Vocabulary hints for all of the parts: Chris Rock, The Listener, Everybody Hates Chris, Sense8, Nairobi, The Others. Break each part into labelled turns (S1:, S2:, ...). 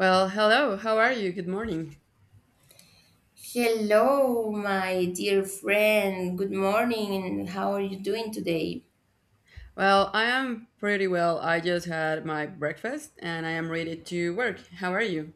S1: Well, hello. How are you? Good morning.
S2: Hello, my dear friend. Good morning. How are you doing today?
S1: Well, I am pretty well. I just had my breakfast and I am ready to work. How are you?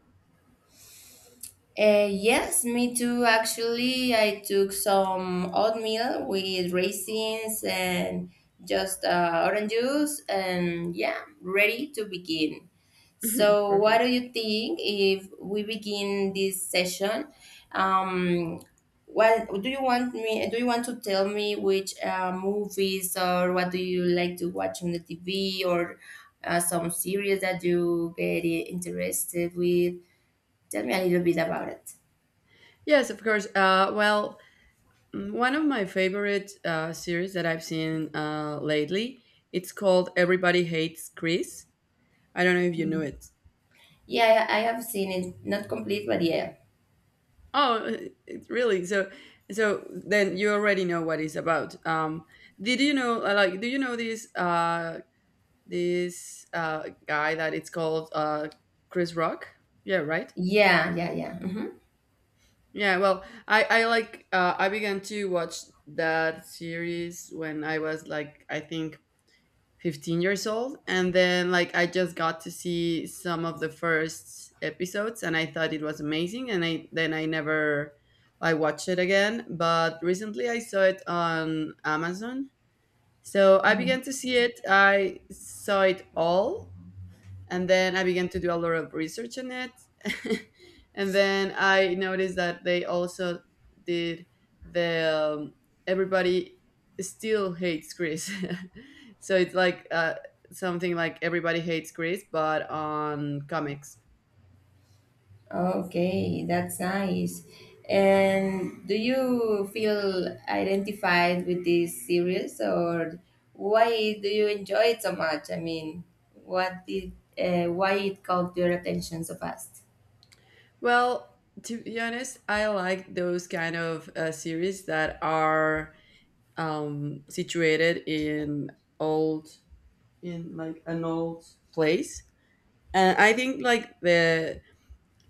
S2: Yes, me too. Actually, I took some oatmeal with raisins and just orange juice, and yeah, ready to begin. So, what
S1: Perfect.
S2: do you think if we begin this session? Um, what do you want me? Do you want to tell me which movies or what do you like to watch on the TV or some series that you get interested with? Tell me a little bit about it.
S1: Yes, of course. One of my favorite series that I've seen lately, it's called Everybody Hates Chris. I don't know if you knew
S2: Mhm.
S1: it.
S2: Yeah, I have seen it, not complete, but yeah,
S1: Oh, it's really so. So then you already know what it's about. Did you know? Like, do you know this this guy that it's called Chris Rock? Yeah, right.
S2: yeah, yeah, yeah.
S1: Yeah. Well, I like I began to watch that series when I was like I think 15 years old, and then like I just got to see some of the first episodes and I thought it was amazing and I then I never I watched it again, but recently I saw it on amazon, so I
S2: Hmm.
S1: began to see it, I saw it all, and then I began to do a lot of research on it. And then I noticed that they also did the everybody still hates Chris. So it's like something like everybody hates Chris, but on comics.
S2: Okay, that's nice. And do you feel identified with this series, or why do you enjoy it so much? I mean, what did why it caught your attention so fast?
S1: Well, to be honest, I like those kind of series that are situated in old, in like an old place. And I think like the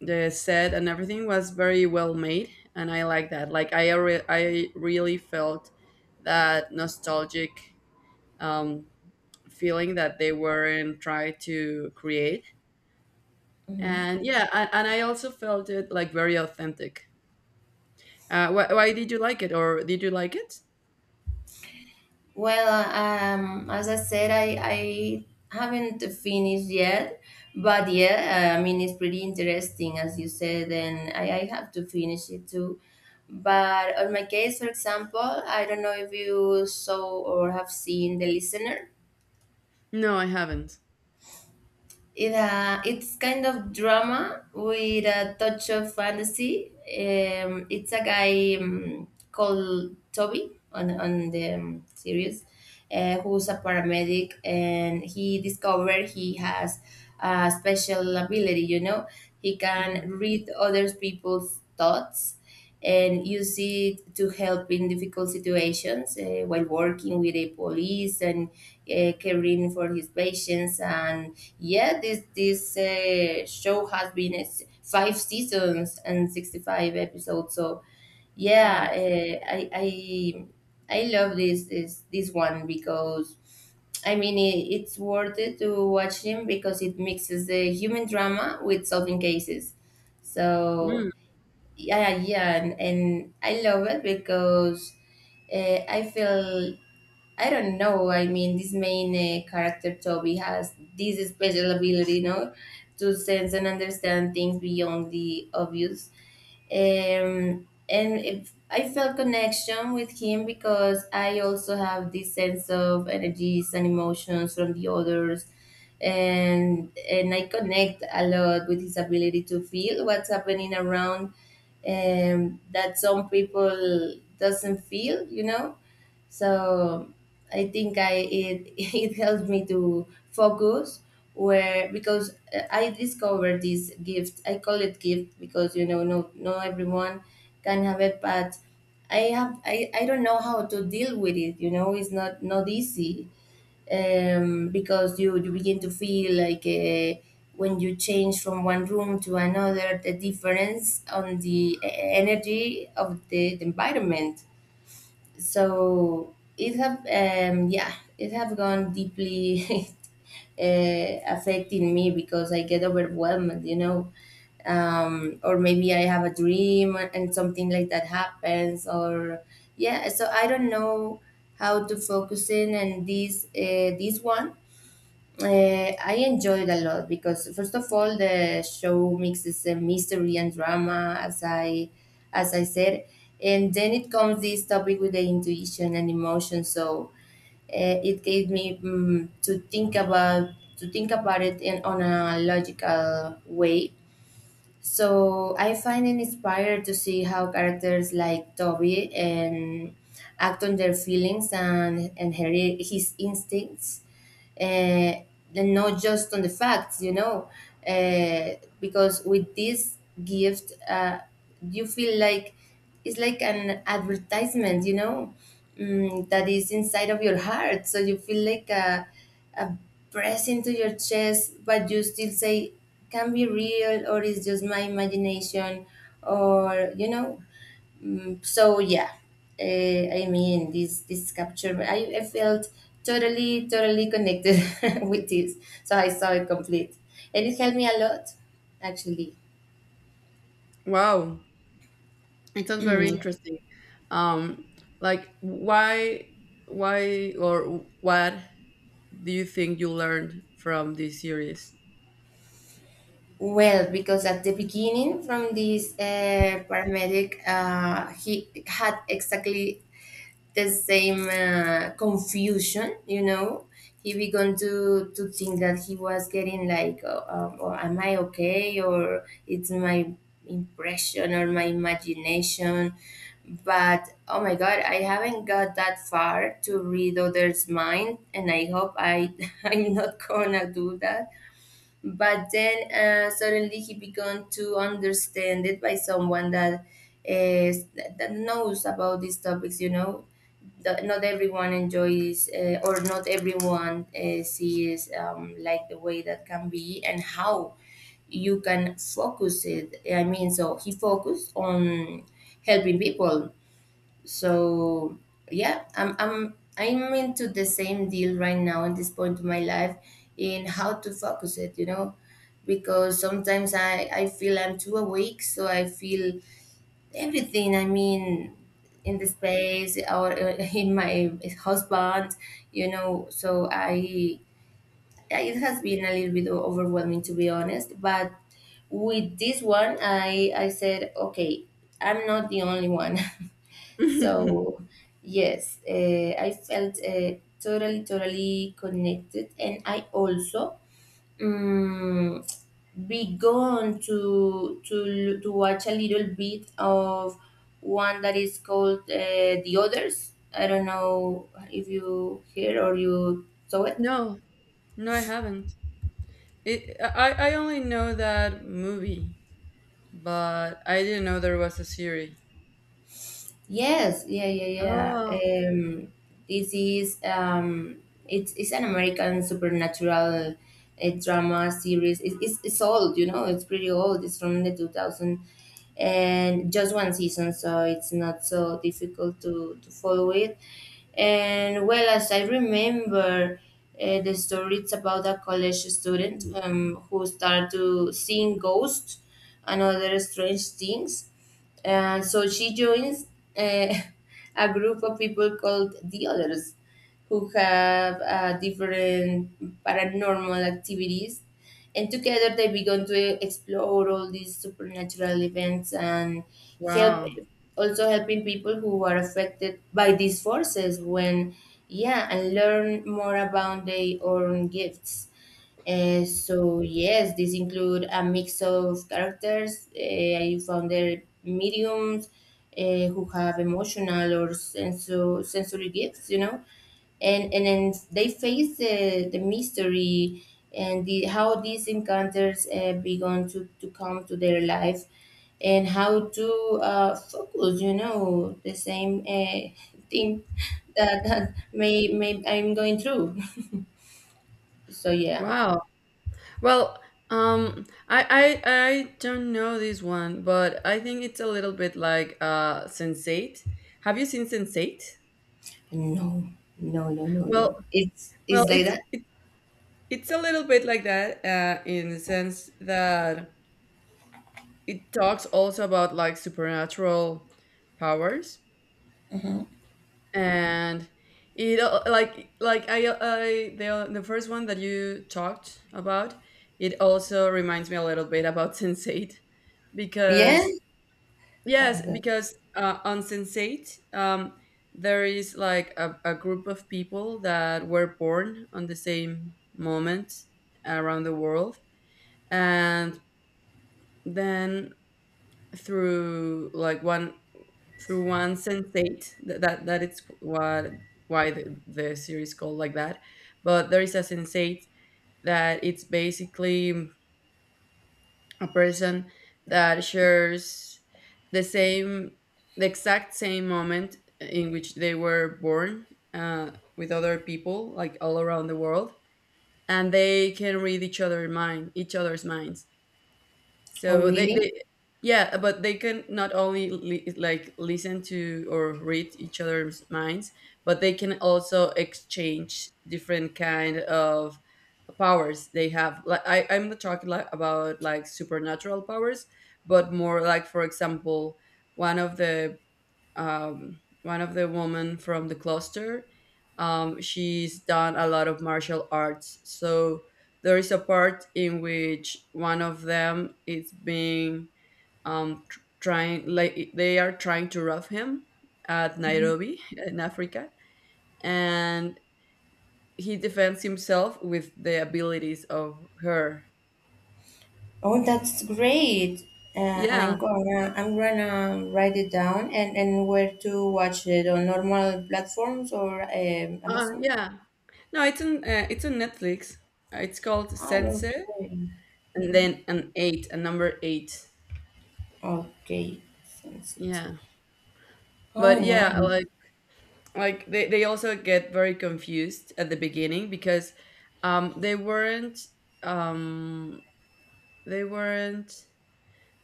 S1: the set and everything was very well made, and I like that, like I really felt that nostalgic um feeling that they weren't trying to create. And yeah, and I also felt it like very authentic. Why did you like it, or did you like it?
S2: Well, as I said, I haven't finished yet, but yeah, I mean, it's pretty interesting, as you said, and I have to finish it too. But on my case, for example, I don't know if you saw or have seen The Listener.
S1: No, I haven't.
S2: It's kind of drama with a touch of fantasy. It's a guy called Toby on, on the series, who's a paramedic, and he discovered he has a special ability. You know, he can
S1: Mhm.
S2: read other people's thoughts and use it to help in difficult situations while working with the police and caring for his patients. And yeah, this show has been five seasons and 65 episodes. So yeah,
S1: Wow.
S2: I love this one because I mean, it's worth it to watch him because it mixes the human drama with solving cases. So
S1: Mm.
S2: yeah, and I love it because I feel, I don't know. I mean, this main character Toby has this special ability, you know, to sense and understand things beyond the obvious. And if I felt connection with him because I also have this sense of energies and emotions from the others, and I connect a lot with his ability to feel what's happening around, that some people doesn't feel, you know. So I think I it it helped me to focus where because I discovered this gift. I call it gift because, you know, no, no, everyone can have it, but I don't know how to deal with it. You know, it's not easy because you begin to feel like when you change from one room to another, the difference on the energy of the environment. So it have gone deeply affecting me because I get overwhelmed. Or maybe I have a dream and something like that happens, or yeah, so I don't know how to focus in. And this one I enjoyed a lot because, first of all, the show mixes mystery and drama, as I said. And then it comes this topic with the intuition and emotion, so it gave me to think about, to think about it in on a logical way. So I find it inspired to see how characters like Toby and act on their feelings and his instincts, uh, and not just on the facts, you know, uh, because with this gift, you feel like it's like an advertisement, you know, that is inside of your heart. So you feel like a press into your chest, but you still say, can be real or it's just my imagination, or, you know. So, yeah, I mean, this capture, I felt totally, totally connected with this. So I saw it complete. And it helped me a lot, actually.
S1: Wow, it sounds very interesting. um like why or what do you think you learned from this series?
S2: Well, because at the beginning, from this paramedic, he had exactly the same confusion, you know. He began to think that he was getting like or am I okay, or it's my impression or my imagination. But oh my god, I haven't got that far to read others mind, and I hope I I'm not gonna do that. But then suddenly he began to understand it by someone that is, that knows about these topics, you know. That not everyone enjoys or not everyone sees, like the way that can be and how you can focus it. I mean, so he focused on helping people. So yeah, I'm into the same deal right now at this point of my life, in how to focus it, you know. Because sometimes I feel I'm too awake, so I feel everything, I mean, in the space or in my husband, you know. So it has been a little bit overwhelming, to be honest, but with this one, I said, okay, I'm not the only one. So, yes, I felt totally, totally connected, and I also um, began to watch a little bit of one that is called The Others. I don't know if you hear or you saw it.
S1: No, no, I haven't. It, I only know that movie, but I didn't know there was a series.
S2: Yes, yeah, yeah,
S1: Oh,
S2: yeah. Um, this is it's an American supernatural drama series. It's old, you know. It's pretty old. It's from the 2000, and just one season, so it's not so difficult to follow it. And well, as I remember, the story it's about a college student who start to seeing ghosts and other strange things, and so she joins uh, a group of people called The Others who have different paranormal activities. And together they began to explore all these supernatural events and help
S1: wow.
S2: also helping people who are affected by these forces when, yeah, and learn more about their own gifts. So yes, these include a mix of characters. I found their mediums who have emotional or sensory gifts, you know, and then they face the mystery and the, how these encounters begun to come to their life and how to focus, you know, the same thing that may I'm going through. So yeah.
S1: Wow. Well, I don't know this one, but I think it's a little bit like Sense8. Have you seen Sense8?
S2: No, no, no, no,
S1: Well,
S2: no. It's
S1: well,
S2: it's like
S1: it's,
S2: that.
S1: it, it's a little bit like that in the sense that it talks also about like supernatural powers. And it al- like I the first one that you talked about, it also reminds me a little bit about sensate
S2: Yeah.
S1: because yes,
S2: That,
S1: because on sensate there is like a group of people that were born on the same moment around the world, and then through like one, through one sensate that that it's what why the series called like that. But there is a sensate that it's basically a person that shares the same, the exact same moment in which they were born, uh, with other people like all around the world. And they can read each other's minds,
S2: oh,
S1: so they,
S2: really?
S1: they. Yeah, but they can not only like listen to or read each other's minds, but they can also exchange different kind of powers they have. Like I'm not talking like about like supernatural powers, but more like for example, one of the one of the women from the cluster. She's done a lot of martial arts. So there is a part in which one of them is being trying, like they are trying to rob him at Nairobi in Africa, and he defends himself with the abilities of her.
S2: Oh, that's great. I'm
S1: Yeah,
S2: gonna I'm gonna write it down, and where to watch it on normal platforms or Amazon.
S1: yeah. No, it's on Netflix. It's called Sense,
S2: Oh, okay.
S1: and
S2: Hmm.
S1: then an eight, a number eight.
S2: Okay, sense it.
S1: Yeah.
S2: Oh,
S1: But yeah,
S2: nice.
S1: like they also get very confused at the beginning because um they weren't um they weren't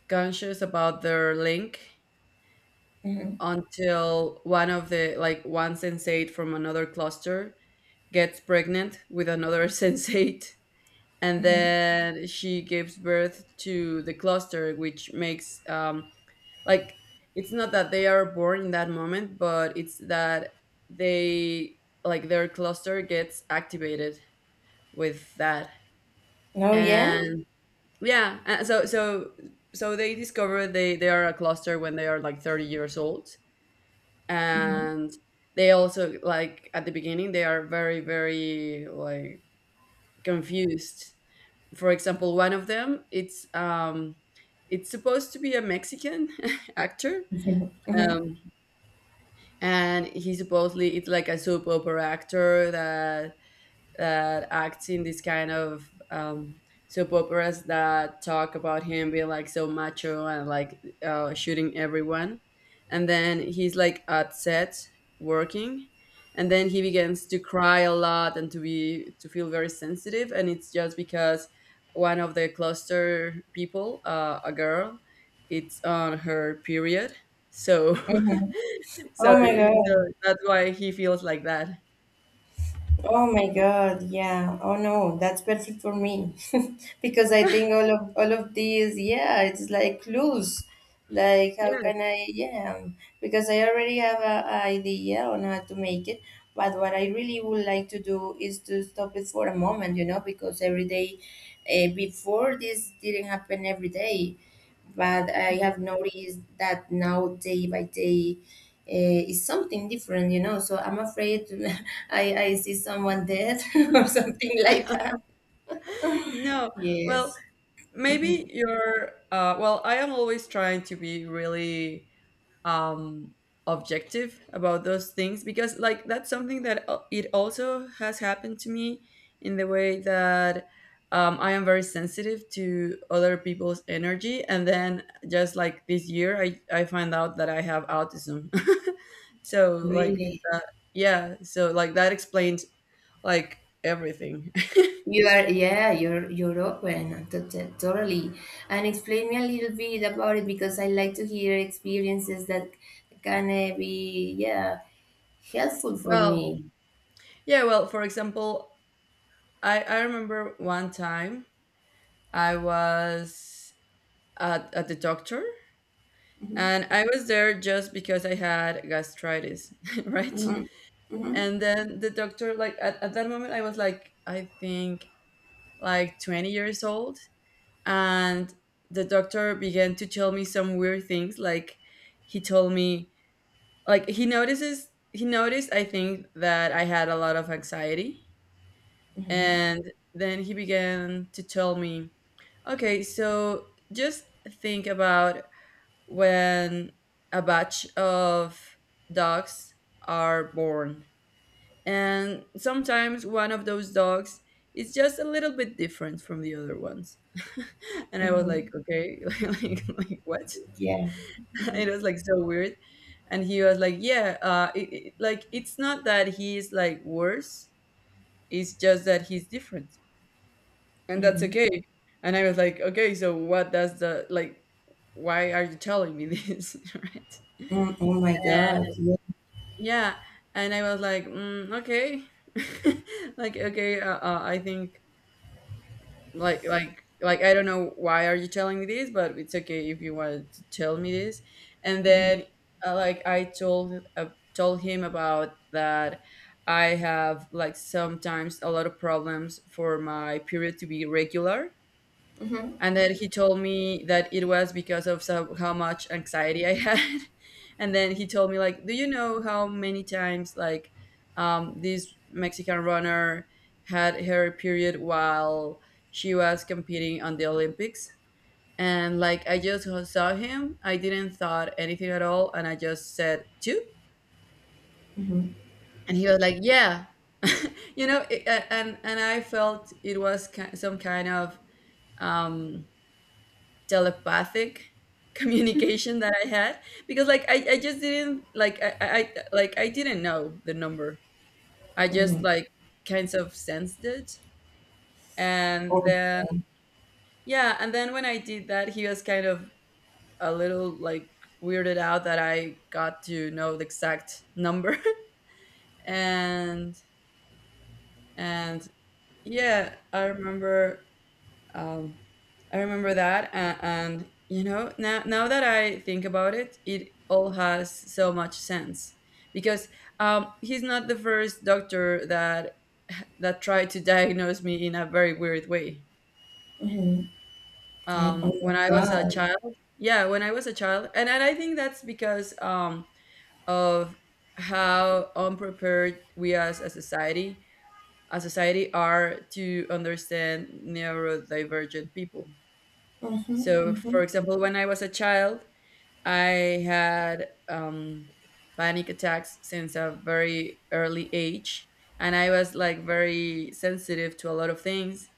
S1: conscious about their link
S2: Mm-hmm.
S1: until one of the, like one sensate from another cluster gets pregnant with another sensate, and
S2: Mm-hmm.
S1: then she gives birth to the cluster, which makes like it's not that they are born in that moment, but it's that they, like their cluster gets activated with that.
S2: Oh, yeah.
S1: And yeah, so they discover they are a cluster when they are like 30 years old.
S2: Mm-hmm.
S1: And they also, like at the beginning, they are very very like confused. For example, one of them it's supposed to be a mexican actor,
S2: Mm-hmm.
S1: um and he supposedly it's like a soap opera actor that acts in this kind of soap operas that talk about him being like so macho, and like shooting everyone. And then he's like at set working, and then he begins to cry a lot and to be to feel very sensitive. And it's just because one of the cluster people, a girl, it's on her period. So, so,
S2: Oh my
S1: so
S2: God.
S1: that's why he feels like that.
S2: Oh my God, yeah. Oh no, that's perfect for me because I think all of these, yeah, it's like clues. Like how can I, yeah, because I already have a idea on how to make it, but what I really would like to do is to stop it for a moment, you know. Because every day, before this didn't happen every day, but I
S1: Yeah.
S2: have noticed that now, day by day, is something different, you know. So I'm afraid I see someone dead or something like that.
S1: No, well,
S2: Yes,
S1: maybe you're. Well, I am always trying to be really um, objective about those things because, like, that's something that it also has happened to me in the way that I am very sensitive to other people's energy, and then just like this year, I find out that I have autism. So like
S2: really.
S1: that, yeah. So like that explains like everything.
S2: You are, yeah, you're open totally. And explain me a little bit about it because I like to hear experiences that can be, yeah, helpful for
S1: Well,
S2: me.
S1: yeah, well, for example, I remember one time I was at the doctor, and I was there just because I had gastritis, right? And then the doctor, like at that moment, I was like, I think like 20 years old. And the doctor began to tell me some weird things. Like he told me, like he noticed, I think, that I had a lot of anxiety.
S2: Mhm.
S1: And then he began to tell me, okay, so just think about when a batch of dogs are born. And sometimes one of those dogs is just a little bit different from the other ones. And I was like,
S2: Mhm.
S1: okay, like what?
S2: Yeah.
S1: It
S2: Mhm.
S1: was like so weird. And he was like, yeah, like it's not that he's like worse, it's just that he's different. And that's
S2: Mhm.
S1: okay. And I was like, okay, so what does the like? Why are you telling me this, right?
S2: Mm. Oh my God.
S1: And
S2: Yeah.
S1: yeah, and I was like, mm, okay, like okay, I think like I don't know why are you telling me this, but it's okay if you want to tell me this. And then like I told told him about that. I have like sometimes a lot of problems for my period to be regular.
S2: Mhm.
S1: And then he told me that it was because of so, how much anxiety I had. And then he told me like, "Do you know how many times like this Mexican runner had her period while she was competing on the Olympics?" And like I just saw him, I didn't thought anything at all, and I just said two,
S2: Mhm.
S1: and he was like, "Yeah." You know, and I felt it was some kind of um telepathic communication that I had because like I just didn't like I- like I didn't know the number. I just
S2: Mhm.
S1: like kind of sensed it. And
S2: Oh.
S1: then yeah, and then when I did that, he was kind of a little like weirded out that I got to know the exact number. and and yeah, I remember. Um, I remember that, and you know, now that I think about it, it all has so much sense because he's not the first doctor that tried to diagnose me in a very weird way.
S2: Mhm. I, oh my
S1: When I was a
S2: God.
S1: child, yeah, when I was a child, and I think that's because of how unprepared we as a society, are to understand neurodivergent people. So,
S2: Mhm,
S1: for example, when I was a child, I had panic attacks since a very early age, and I was like very sensitive to a lot of things.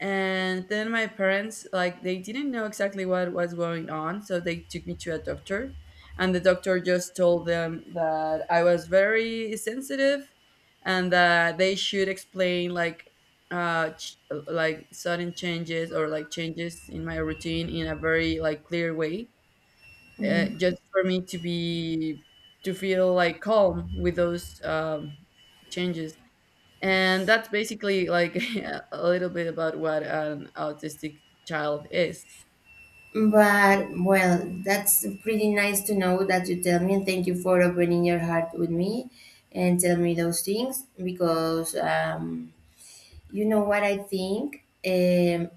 S1: And then my parents, like, they didn't know exactly what was going on, so they took me to a doctor. And the doctor just told them that I was very sensitive, and that they should explain, like, uh ch- like sudden changes or like changes in my routine in a very like clear way,
S2: mhm.
S1: just for me to be to feel like calm with those changes. And that's basically like a little bit about what an autistic child is.
S2: But well, that's pretty nice to know that you tell me, and thank you for opening your heart with me and tell me those things because, you know what I think.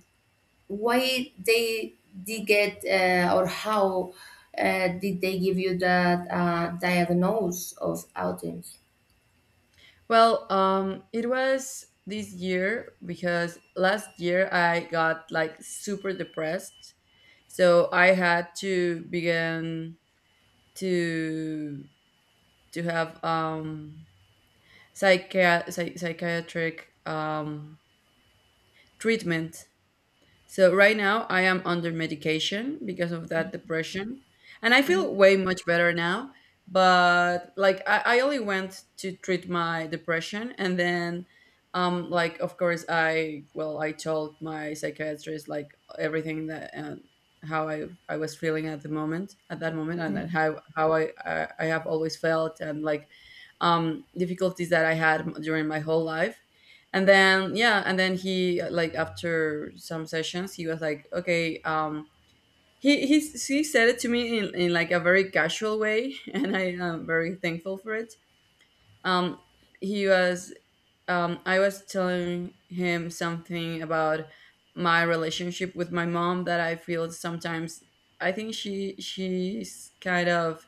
S2: Why they did get, or how did they give you that diagnose of autism?
S1: Well, it was this year because last year I got like super depressed. So I had to begin to to have psychiatric treatment. So right now I am under medication because of that depression. And I
S2: Mhm,
S1: feel way much better now. But like I only went to treat my depression. And then like, of course, I, well, I told my psychiatrist like everything that, how I was feeling at that moment, and
S2: mhm,
S1: then how I have always felt, and like difficulties that I had during my whole life. And then, yeah, and then he, like, after some sessions, he was like, okay, he said it to me in like a very casual way and I am very thankful for it. um he was I was telling him something about my relationship with my mom, that I feel sometimes I think she's kind of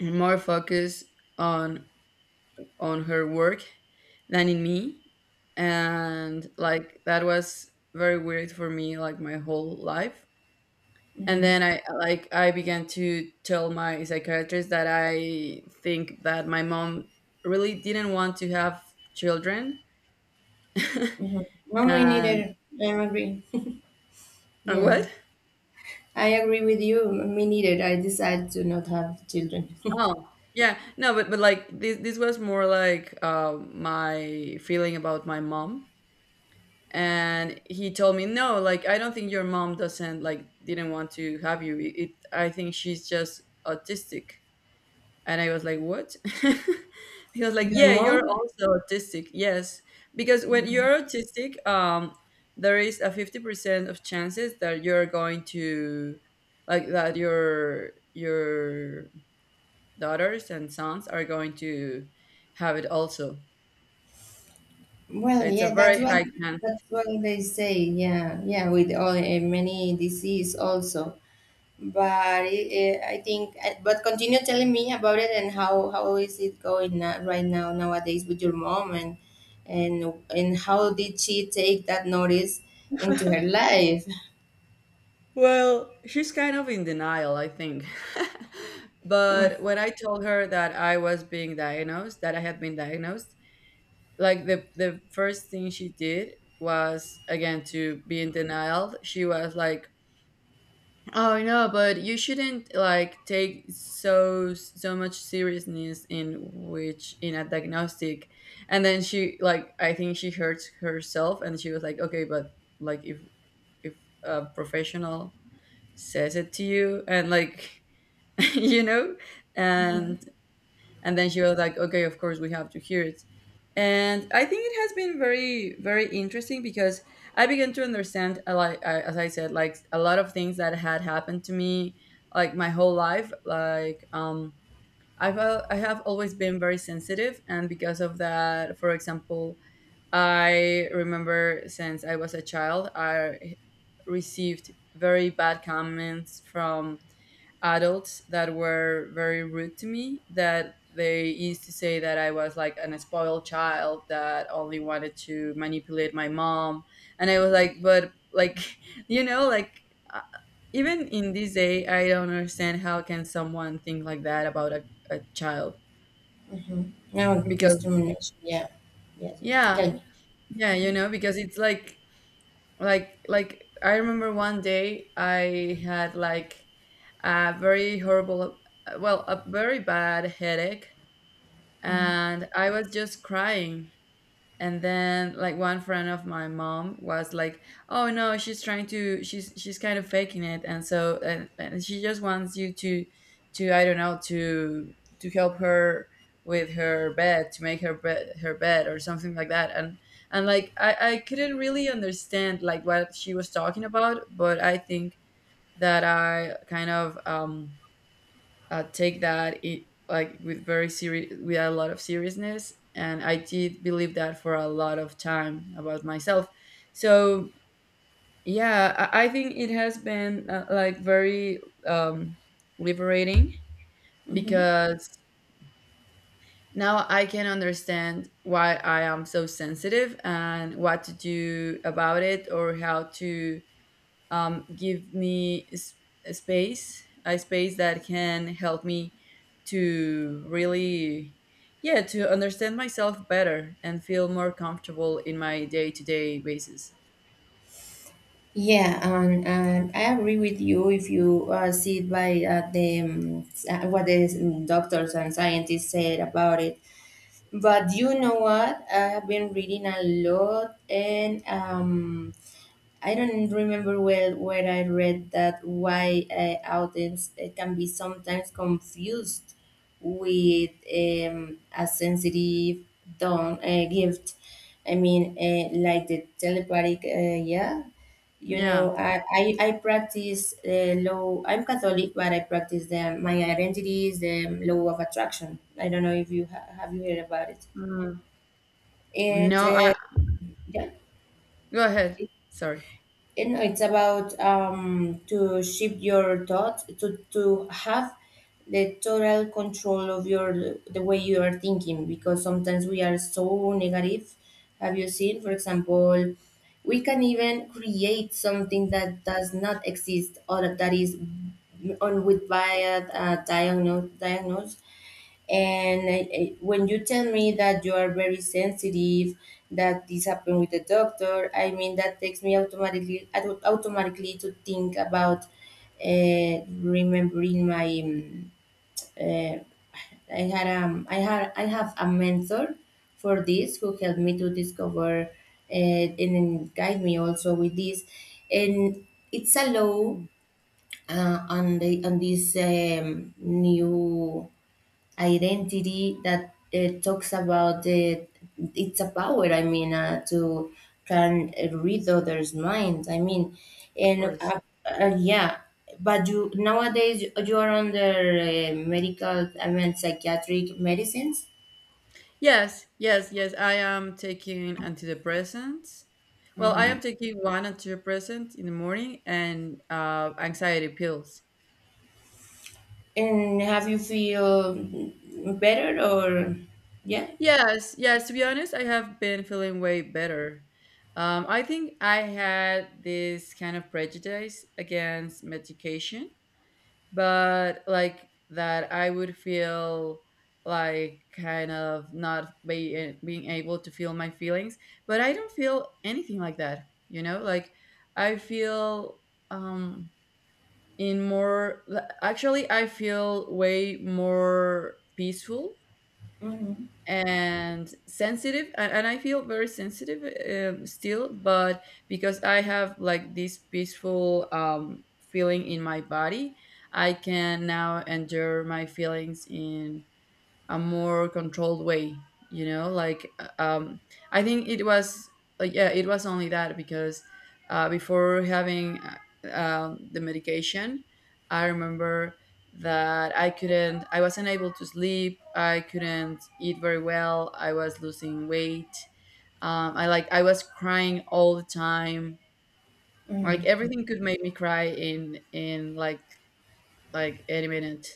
S1: more focused on, her work than in me. And like that was very weird for me, like, my whole life. And
S2: mhm,
S1: then I began to tell my psychiatrist that I think that my mom really didn't want to have children.
S2: mhm. No, me
S1: And
S2: neither. I agree. Yeah.
S1: what?
S2: I agree with you. Me neither. I decided to not have children.
S1: Oh, yeah, no, but like this was more like, my feeling about my mom. And he told me, no, like, I don't think your mom doesn't like didn't want to have you, it— I think she's just autistic. And I was like, what? He was like,
S2: Your
S1: yeah, you're
S2: mom?
S1: also autistic, yes, because when you're autistic, there is a 50% of chances that you're going to, like, that your daughters and sons are going to have it also. So
S2: Well,
S1: it's a
S2: yeah,
S1: very high chance.
S2: that's what they say. Yeah, yeah, with all many disease also. But it, I think, but continue telling me about it and how is it going right now nowadays with your mom and and and how did she take that notice into her life?
S1: Well, she's kind of in denial, I think.
S2: Mm,
S1: But when I told her that I was being diagnosed, that I had been diagnosed, like, the first thing she did was again to be in denial. She was like, "Oh no, but you shouldn't like take so much seriousness in which in a diagnostic." And then she, like, I think she hurt herself and she was like, "Okay, but like if if a professional says it to you and like you know."
S2: mhm,
S1: And and then she was like, okay, of course we have to hear it. And I think it has been very very interesting because I began to understand, like, as I said, like a lot of things that had happened to me, like, my whole life, like I have always been very sensitive. And because of that, for example, I remember since I was a child, I received very bad comments from adults that were very rude to me, that they used to say that I was like an spoiled child that only wanted to manipulate my mom. And I was like, but like you know, like, uh, even in this day I don't understand how can someone think like that about a child.
S2: mhm. No
S1: Because
S2: discrimination. Yeah, yes, yes.
S1: yeah,
S2: Tell
S1: yeah, you know, because it's like, I remember one day I had like a very horrible, well, a very bad headache,
S2: me.
S1: and I was just crying. And then, like, one friend of my mom was like, oh no, she's trying to, she's kind of faking it, and so and she just wants you to, I don't know, to help her with her bed, to make her bed or something like that. And, like, I couldn't really understand like what she was talking about, but I think that I kind of take that it like with very serious, with a lot of seriousness, and I did believe that for a lot of time about myself. So yeah, I think it has been, like, very um, liberating,
S2: Mhm.
S1: because now I can understand why I am so sensitive and what to do about it, or how to, give me a space that can help me to really, yeah, to understand myself better and feel more comfortable in my day to day basis.
S2: Yeah, and I agree with you if you see it by what the doctors and scientists said about it. But you know what? I have been reading a lot, and I don't remember well where I read that why audience can be sometimes confused with a sensitive don gift. I mean, like the telepathic, yeah. You know,
S1: Yeah.
S2: I practice law. I'm Catholic, but I practice my identity is the law of attraction. I don't know if you have you heard about it.
S1: Mm. No,
S2: It
S1: I,
S2: uh, yeah.
S1: go ahead. Sorry.
S2: You know, it's about to shift your thoughts to have the total control of your the way you are thinking, because sometimes we are so negative. Have you seen, for example, we can even create something that does not exist or that is on with by a diagnose. And I, when you tell me that you are very sensitive, that this happened with the doctor, I mean, that takes me automatically automatically to think about, remembering my. Uh, I have a mentor for this who helped me to discover, and guide me also with this, and it's a law
S1: Mm,
S2: on this new identity that talks about the it's a power, I mean, to can read others minds, I mean,
S1: of
S2: and
S1: course.
S2: yeah. But you, nowadays you are under medical, I mean, psychiatric medicines.
S1: Yes, yes, yes. I am taking antidepressants. Well, I am taking one antidepressant in the morning and anxiety pills.
S2: And have you feel better, or yeah?
S1: Yes, yes. To be honest, I have been feeling way better. I think I had this kind of prejudice against medication, but like that, I would feel like kind of not being able to feel my feelings. But I don't feel anything like that. You know, like, I feel um, in more. Actually, I feel way more peaceful
S2: Mhm.
S1: and sensitive and I feel very sensitive, still, but because I have like this peaceful feeling in my body, I can now endure my feelings in a more controlled way, you know, like, I think it was, like, yeah, it was only that, because before having, the medication, I remember that I couldn't, I wasn't able to sleep, I couldn't eat very well, I was losing weight, I, like, I was crying all the time, like
S2: Mhm.
S1: everything could make me cry in any minute.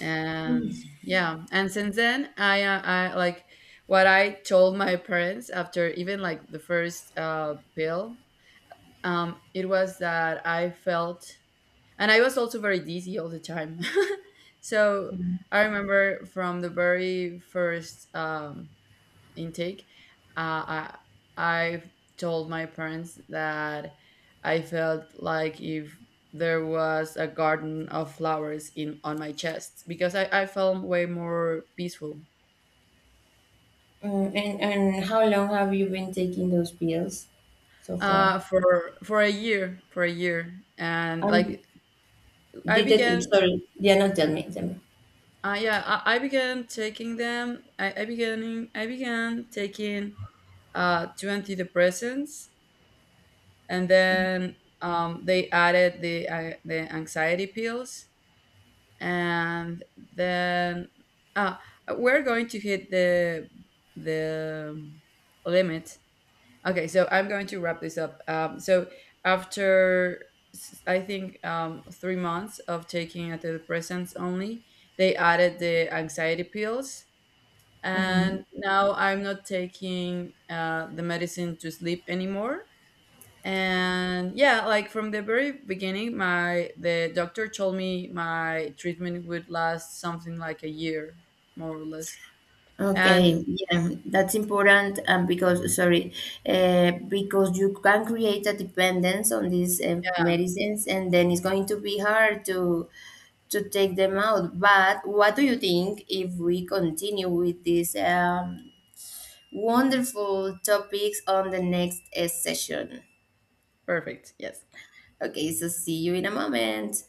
S1: And
S2: Mm.
S1: yeah, and since then, I like what I told my parents after, even like the first pill, it was that I felt. And I was also very dizzy all the time so I remember from the very first intake, uh, I I told my parents that I felt like if there was a garden of flowers in on my chest because I felt way more peaceful.
S2: And how long have you been taking those pills so far?
S1: For a year, and
S2: And
S1: like i
S2: I'm
S1: began
S2: sorry, yeah, no, tell me, tell me.
S1: uh yeah, I began taking them I began taking two antidepressants. And then they added the anxiety pills. And then, ah, we're going to hit the limit. Okay, so I'm going to wrap this up. So after I think 3 months of taking antidepressants only, they added the anxiety pills,
S2: Mhm.
S1: and now I'm not taking the medicine to sleep anymore. And yeah, like from the very beginning, my the doctor told me my treatment would last something like a year, more or less. And
S2: Okay, yeah, that's important. Because, sorry, because you can create a dependence on these medicines, and then it's going to be hard to take them out. But what do you think if we continue with these wonderful topics on the next session?
S1: perfect, yes.
S2: Okay, so see you in a moment.